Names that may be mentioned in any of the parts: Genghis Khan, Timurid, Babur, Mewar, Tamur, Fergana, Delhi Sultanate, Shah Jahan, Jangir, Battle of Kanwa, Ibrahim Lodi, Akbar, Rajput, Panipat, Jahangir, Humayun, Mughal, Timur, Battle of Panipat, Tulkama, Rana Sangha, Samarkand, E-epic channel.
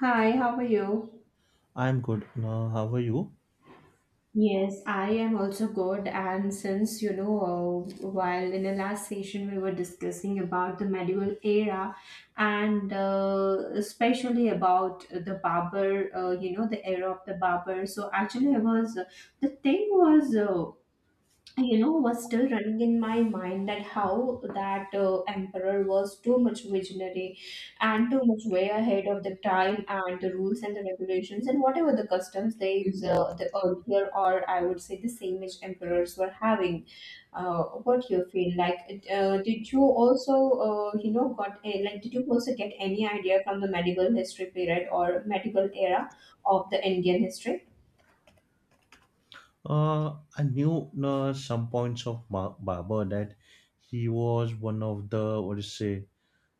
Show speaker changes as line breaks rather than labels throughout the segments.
Hi, how are you?
I'm good. How are you?
Yes, I am also good. And while in the last session we were discussing about the medieval era and especially about the barber, the era of the barber. So actually, I was the thing was. You know was still running in my mind that how that emperor was too much visionary and too much way ahead of the time and the rules and the regulations and whatever the customs they the earlier, or I would say the same age emperors were having. What you feel like? Uh, did you also you know got a, like Did you also get any idea from the medieval history period or medieval era of the Indian history?
I knew some points of Babur, that he was one of the what do you say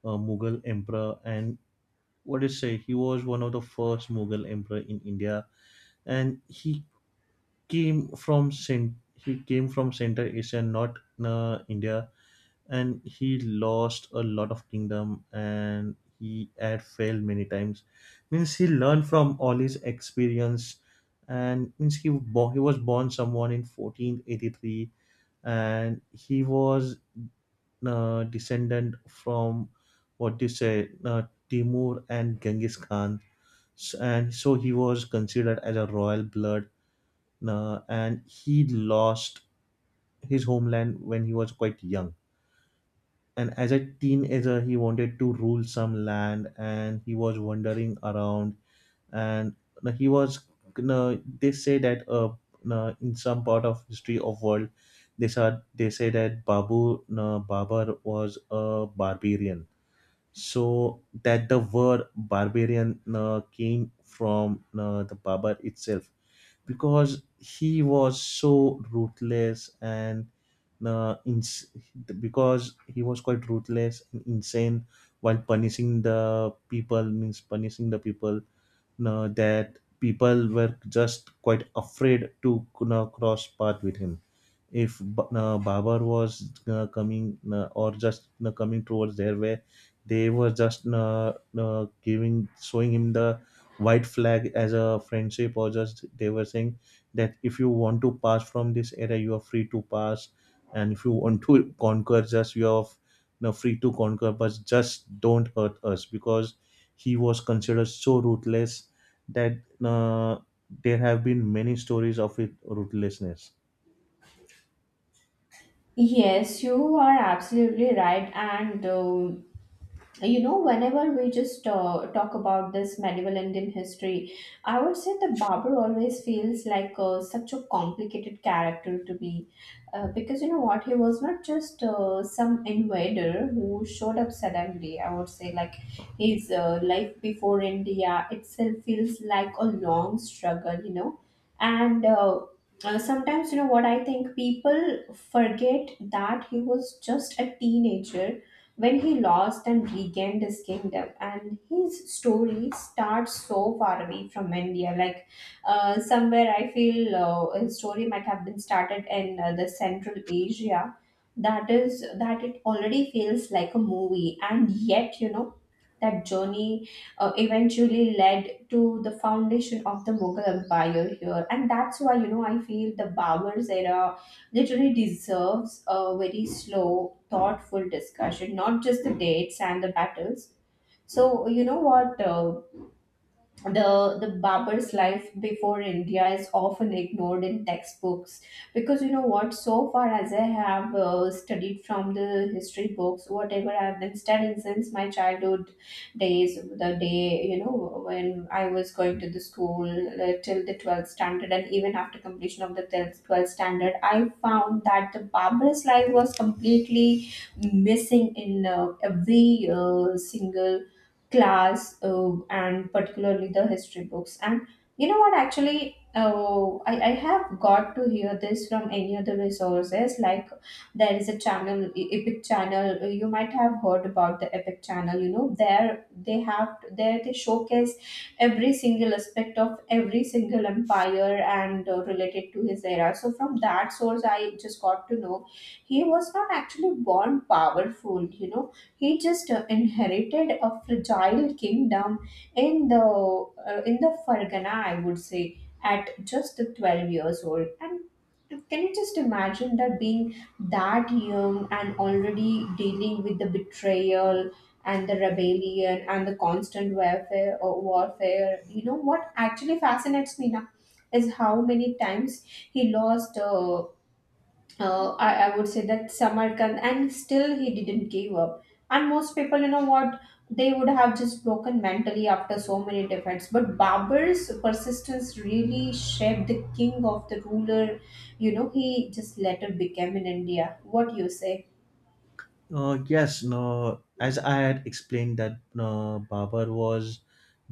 Mughal emperor, and what do you say he was one of the first Mughal emperor in India, and he he came from Central Asia, not India. And he lost a lot of kingdom and he had failed many times, means he learned from all his experience. And means he born, he was born someone in 1483, and he was descendant from what do you say Timur and Genghis Khan. And so he was considered as a royal blood. And he lost his homeland when he was quite young, and as a teenager he wanted to rule some land, and he was wandering around. And he was They say that, in some part of history of world, they say that babu babar was a barbarian, so that the word barbarian came from the barber itself, because he was so ruthless and uh, ins- because he was quite ruthless and insane while punishing the people, means punishing the people, that people were just quite afraid to, you know, cross path with him. If Babar was coming, or just coming towards their way, they were just giving showing him the white flag as a friendship, or just they were saying that if you want to pass from this area you are free to pass, and if you want to conquer, just you are, you know, free to conquer, but just don't hurt us, because he was considered so ruthless that uh, there have been many stories of it ruthlessness.
Yes, you are absolutely right, and you know whenever we just talk about this medieval Indian history, I would say the barber always feels like such a complicated character to be, because you know what, he was not just some invader who showed up suddenly. I would say like his life before India itself feels like a long struggle, you know. And Sometimes you know what, I think people forget that he was just a teenager when he lost and regained his kingdom, and his story starts so far away from India. Like somewhere I feel his story might have been started in the Central Asia. That is, that it already feels like a movie, and yet you know that journey eventually led to the foundation of the Mughal Empire here, and that's why, you know, I feel the Babur's era literally deserves a very slow, thoughtful discussion, not just the dates and the battles. So, you know what? The barber's life before India is often ignored in textbooks, because you know what, so far as I have studied from the history books, whatever I've been studying since my childhood days, the day, you know, when I was going to the school, till the 12th standard, and even after completion of the 12th standard, I found that the barber's life was completely missing in every single class, and particularly the history books. And you know what, actually, I have got to hear this from any other resources. Like there is a channel, epic channel, you might have heard about the epic channel, you know, there they have, there they showcase every single aspect of every single empire and related to his era. So from that source, I just got to know he was not actually born powerful, you know. He just inherited a fragile kingdom in the Fergana, I would say, at just 12 years old. And can you just imagine that, being that young and already dealing with the betrayal and the rebellion and the constant warfare or warfare? You know what actually fascinates me now is how many times he lost, I would say, that Samarkand, and still he didn't give up. And most people, you know what, they would have just broken mentally after so many defeats. But Babur's persistence really shaped the king of the ruler, you know, he just later became in India. What you say?
Yes, no, as I had explained, that Babur was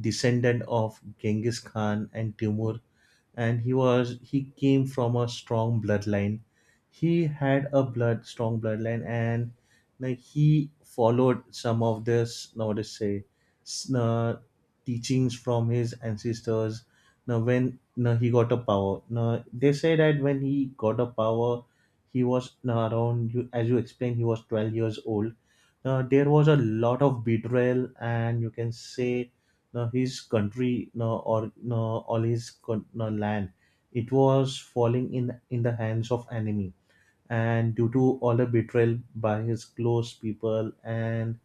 descendant of Genghis Khan and Timur, and he came from a strong bloodline. He had a blood strong bloodline, and like he followed some of this, now what to say, s- uh, teachings from his ancestors. Now he got a power. Now they say that when he got a power, he was now around, you as you explained, he was 12 years old. Now there was a lot of betrayal, and you can say, no, his country, no, or no, no, land. It was falling in the hands of enemy, and due to all the betrayal by his close people, and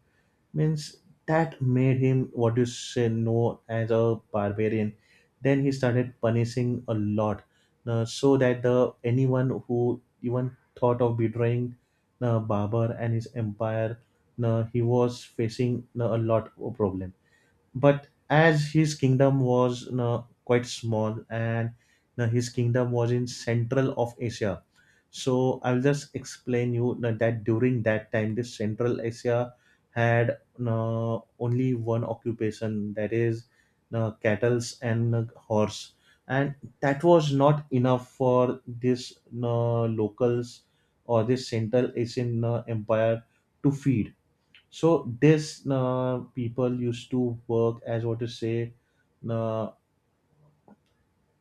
means that made him, what you say, known as a barbarian. Then he started punishing a lot, no, so that the anyone who even thought of betraying the Babar and his empire, no, he was facing, no, a lot of problems. But as his kingdom was, you know, quite small, and you know, his kingdom was in central of Asia, so I'll just explain you, you know, that during that time this central Asia had, you know, only one occupation, that is, you know, cattles and horse, and that was not enough for this, you know, locals, or this central Asian, you, empire, to feed. So this people used to work as, what to say, uh,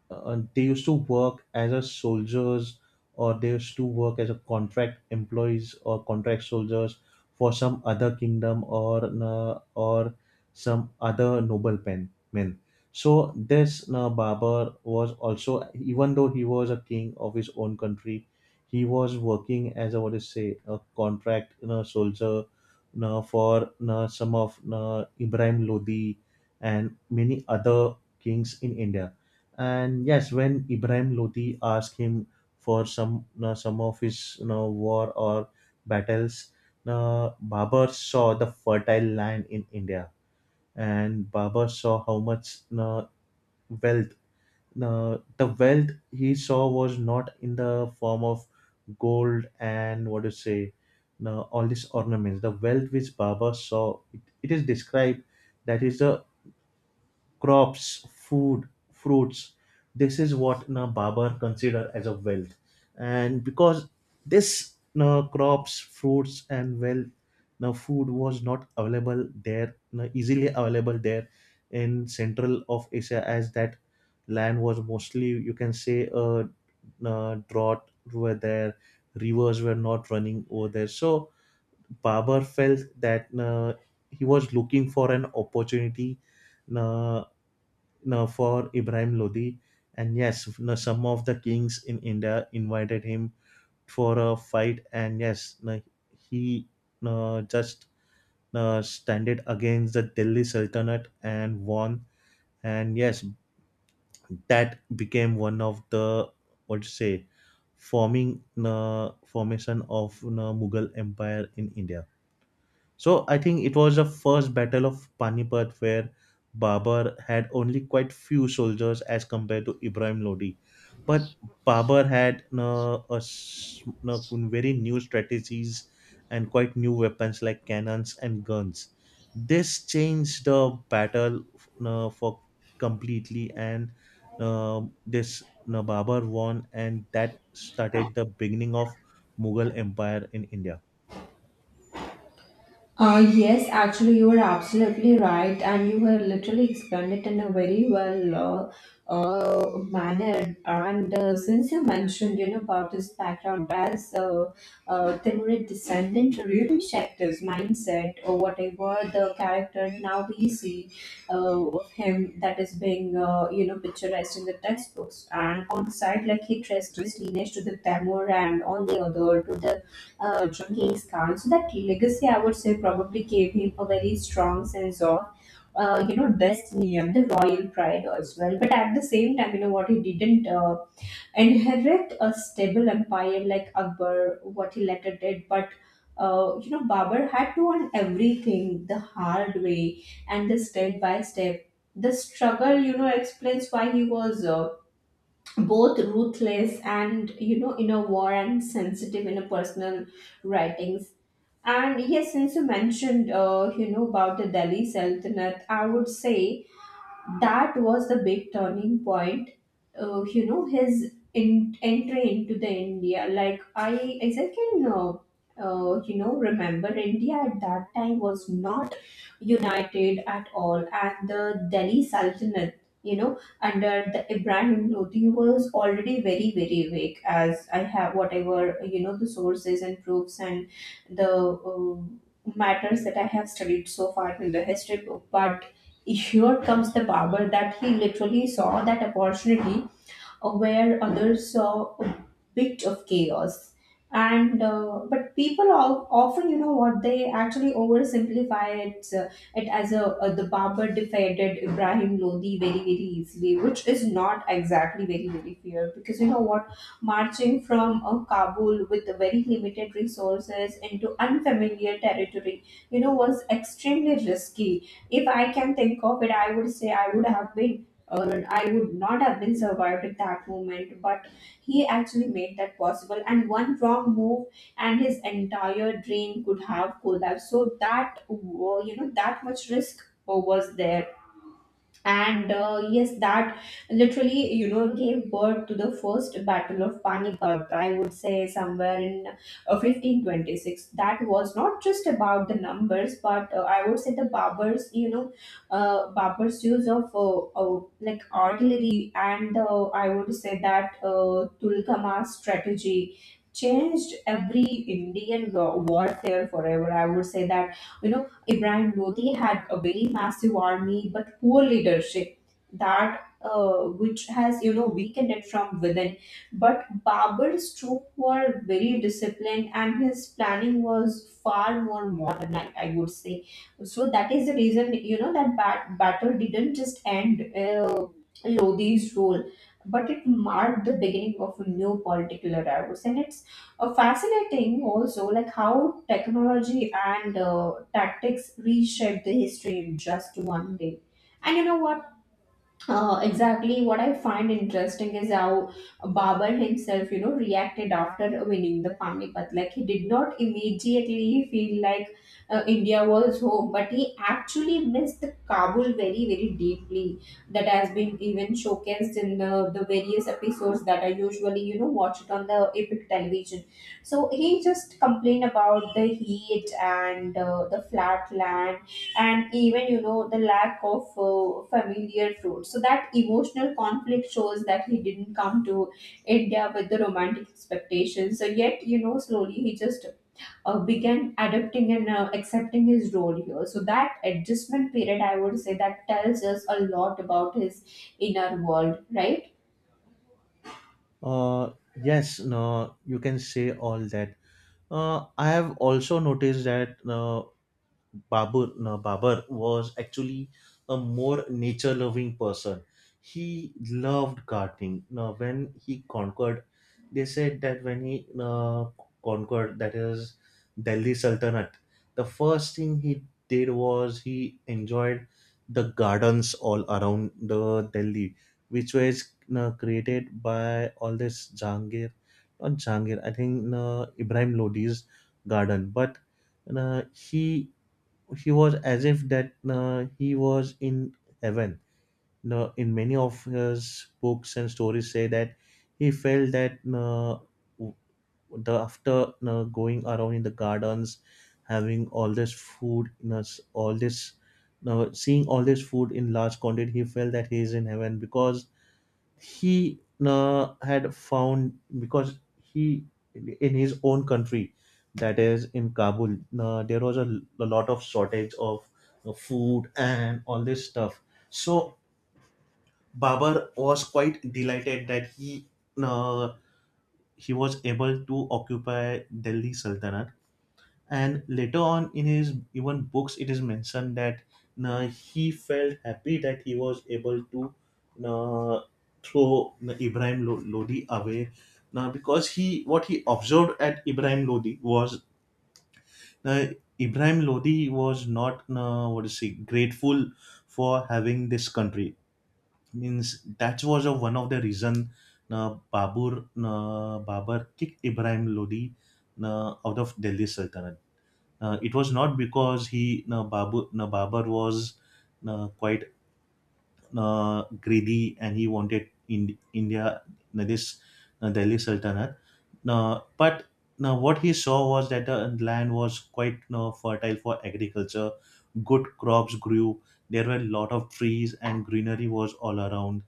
they used to work as a soldiers, or they used to work as a contract employees or contract soldiers for some other kingdom, or some other noble pen men. So this barber was also, even though he was a king of his own country, he was working as a, what is say, a contract, you know, soldier, you know, for, you know, some of, you know, Ibrahim Lodi, and many other kings in India. And yes, when Ibrahim Lodi asked him for some of his, you know, war or battles, Babur saw the fertile land in India, and Babur saw how much wealth. The wealth he saw was not in the form of gold and, what do you say, all these ornaments. The wealth which Babur saw, it is described, that is the crops, food, fruits. This is what na Babar consider as a wealth, and because this na crops, fruits, and wealth, na food was not available there, na easily available there in central of Asia, as that land was mostly, you can say, drought were there, rivers were not running over there. So Babar felt that he was looking for an opportunity, uh, know, for Ibrahim Lodi. And yes, you know, some of the kings in India invited him for a fight. And yes, you know, he, you know, just, you know, standed against the Delhi Sultanate and won. And yes, that became one of the, what to say, forming the formation of, you know, Mughal Empire in India. So I think it was the first battle of Panipat, where Babur had only quite few soldiers as compared to Ibrahim Lodi. But Babur had a very new strategies and quite new weapons like cannons and guns. This changed the battle for completely, and this Babur won, and that started the beginning of Mughal Empire in India.
Yes, actually, you were absolutely right, and you were literally explained it in a very well manner. And since you mentioned, you know, about his background as Timurid descendant, really shaped his mindset or whatever the character now we see uh, of him, that is being, you know, picturized in the textbooks. And on the side, like he traced his lineage to the Tamur and on the other to the Genghis Khan. So that legacy, I would say, probably gave him a very strong sense of, you know, destiny and the royal pride as well. But at the same time, you know what, he didn't inherit a stable empire like Akbar, what he later did, but you know, Babar had to learn everything the hard way and the step by step. The struggle, you know, explains why he was both ruthless, and you know, in a war, and sensitive in a personal writings. And yes, since you mentioned you know about the Delhi Sultanate, I would say that was the big turning point, you know, his entry into the India. Like I, as I can you know remember, India at that time was not united at all, and the Delhi Sultanate, you know, under the Ibrahim Lodi was already very very weak, as I have, whatever you know, the sources and proofs and the uh, matters that I have studied so far in the history book. But here comes the power that he literally saw that opportunity where others saw a bit of chaos. And but people all, often you know what, they actually oversimplify it it as a the barber defeated Ibrahim Lodi very very easily, which is not exactly very very fair. Because you know what, marching from Kabul with very limited resources into unfamiliar territory, you know, was extremely risky. If I can think of it, I would say I would have been, or I would not have been survived at that moment. But he actually made that possible. And one wrong move, and his entire drain could have collapsed. So that you know, that much risk was there. And yes, that literally, you know, gave birth to the first battle of Panipat, I would say somewhere in 1526. That was not just about the numbers, but I would say the babars you know, babars use of like artillery and I would say that Tulkama's strategy changed every Indian warfare forever. I would say that, you know, Ibrahim Lodi had a very massive army but poor leadership that which has, you know, weakened it from within. But Babur's troops were very disciplined, and his planning was far more modern, I would say. So that is the reason, you know, that battle didn't just end Lodi's role, but it marked the beginning of a new political era, I would say. And it's fascinating also like how technology and tactics reshaped the history in just one day. And you know what, exactly what I find interesting is how Babur himself, you know, reacted after winning the Panipat. Like he did not immediately feel like India was home, but he actually missed the Kabul very, very deeply. That has been even showcased in the various episodes that I usually, you know, watch it on the epic television. So he just complained about the heat and the flat land, and even you know the lack of familiar fruit. So that emotional conflict shows that he didn't come to India with the romantic expectations. So yet, you know, slowly he just began adapting and accepting his role here. So that adjustment period, I would say that tells us a lot about his inner world, right?
Yes, no, you can say all that. I have also noticed that Babur, no, Babur was actually a more nature loving person. He loved gardening. Now, when he conquered, they said that when he conquered, that is Delhi Sultanate, the first thing he did was he enjoyed the gardens all around the Delhi, which was created by all this Jangir, not Jangir, I think Ibrahim Lodi's garden. But uh, he he was as if that he was in heaven. Now, in many of his books and stories, say that he felt that, w- the after going around in the gardens, having all this food, in us all this, seeing all this food in large quantity, he felt that he is in heaven, because he uh, had found because he in his own country, that is in Kabul, there was a lot of shortage of food and all this stuff. So Babar was quite delighted that uh, he was able to occupy Delhi Sultanate. And later on, in his even books, it is mentioned that he felt happy that he was able to uh, throw Ibrahim Lodi away. Now because he, what he observed at Ibrahim Lodi was, uh, Ibrahim Lodi was not what is he grateful for having this country, means that was a one of the reason Babur kicked Ibrahim Lodi out of Delhi Sultanate. It was not because he, no, Babu no, Babar was, no, quite, no, greedy, and he wanted in, India, no, this, no, Delhi Sultanate. No, but, no, what he saw was that the land was quite, no, fertile for agriculture. Good crops grew. There were a lot of trees and greenery was all around,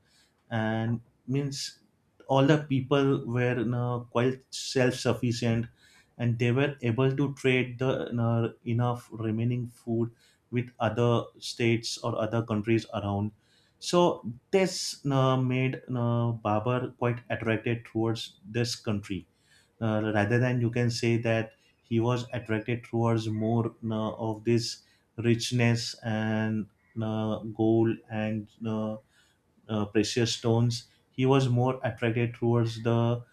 and means all the people were, you know, quite self-sufficient, and they were able to trade the, you know, enough remaining food with other states or other countries around. So this, you know, made, you know, Babar quite attracted towards this country, rather than, you can say, that he was attracted towards more, you know, of this richness and gold and precious stones. He was more attracted towards the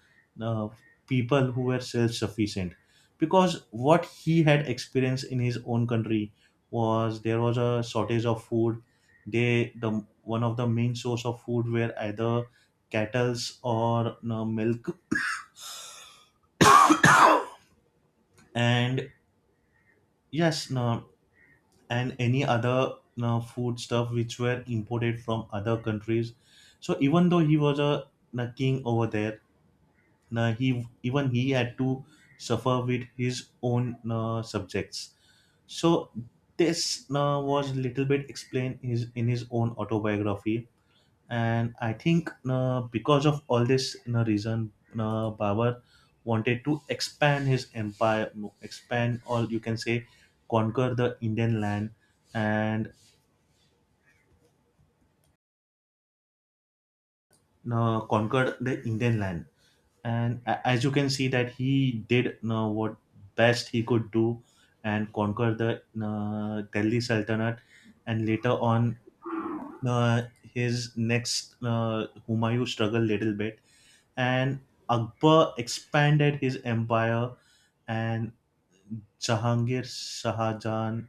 uh, people who were self sufficient, because what he had experienced in his own country was, there was a shortage of food. The one of the main source of food were either cattle's or, no, milk, and yes, no, and any other, no, food stuff which were imported from other countries. So even though he was a king over there, now, he had to suffer with his own subjects. So this was little bit explained in his own autobiography. And I think because of all this reason, Babar wanted to expand his empire, expand, or you can say conquer the Indian land, and conquered the Indian land. And as you can see that he did what best he could do, and conquer the Delhi Sultanate. And later on, his next, Humayun, struggled little bit. And Akbar expanded his empire, and Jahangir, Shah Jahan,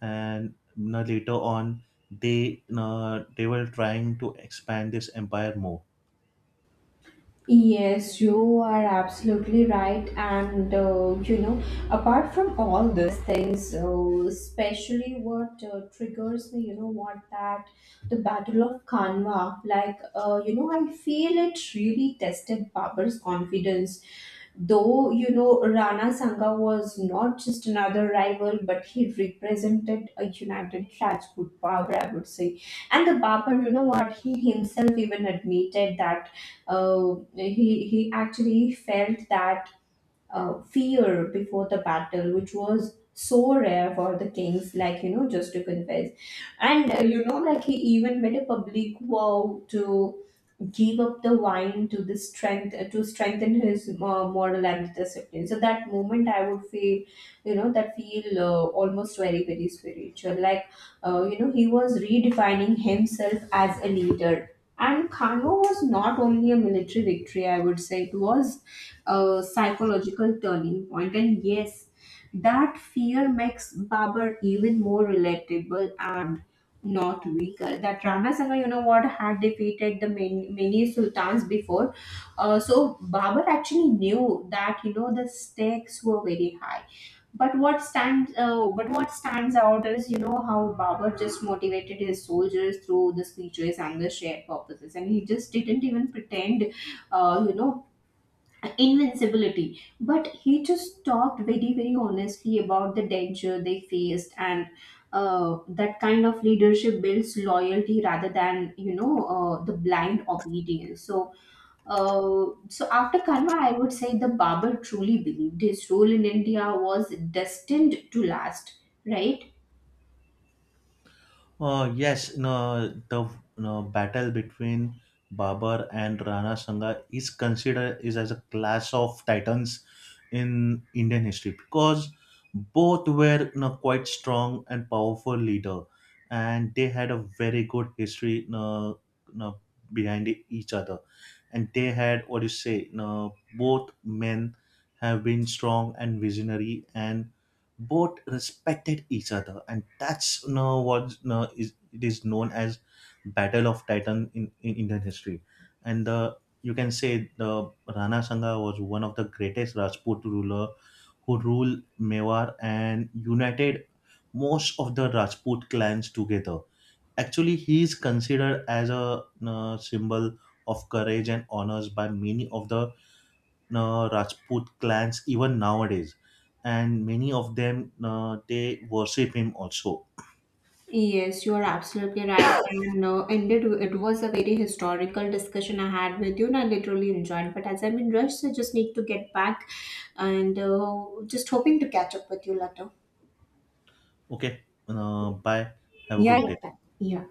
and you know, later on, they, they were trying to expand this empire more.
Yes, you are absolutely right. And you know, apart from all these things, especially what triggers me, you know, what that the Battle of Kanwa, like, you know, I feel it really tested Babur's confidence. Though, you know, Rana Sangha was not just another rival, but he represented a united Rajput power, I would say. And the Babar, you know what, he himself even admitted that he actually felt that fear before the battle, which was so rare for the kings, like, you know, just to confess. And, you know, like he even made a public vow to give up the wine to the strength to strengthen his moral and discipline. So that moment, I would feel, you know, that feel almost very very spiritual. Like you know, he was redefining himself as a leader, and Kano was not only a military victory, I would say, it was a psychological turning point. And yes, that fear makes Babar even more relatable and not weaker. That Rana Sangha, you know what, had defeated the many, many sultans before. So Babur actually knew that, you know, the stakes were very high. But but what stands out is, you know, how Babur just motivated his soldiers through the speeches and the shared purposes, and he just didn't even pretend, you know, invincibility. But he just talked very very honestly about the danger they faced. And that kind of leadership builds loyalty rather than, you know, the blind obedience. So so after Karma, I would say the barber truly believed his role in India was destined to last, right?
Yes, no, the, no, battle between Babar and Rana Sangha is considered is as a clash of titans in Indian history, because both were, you know, quite strong and powerful leader, and they had a very good history, you know, behind each other, and they had, what do you say? You know, both men have been strong and visionary, and both respected each other, and that's, you know, what, you know, is, it is known as battle of titan in Indian history. And the, you can say, Rana Sangha was one of the greatest Rajput ruler who ruled Mewar and united most of the Rajput clans together. Actually, he is considered as a symbol of courage and honors by many of the Rajput clans even nowadays, and many of them they worship him also.
Yes, you are absolutely right. And indeed, it was a very historical discussion I had with you, and I literally enjoyed. But as I'm in rush, so I just need to get back, and just hoping to catch up with you later.
Okay, bye. Have a
Yeah,
good
yeah.
day.
Yeah.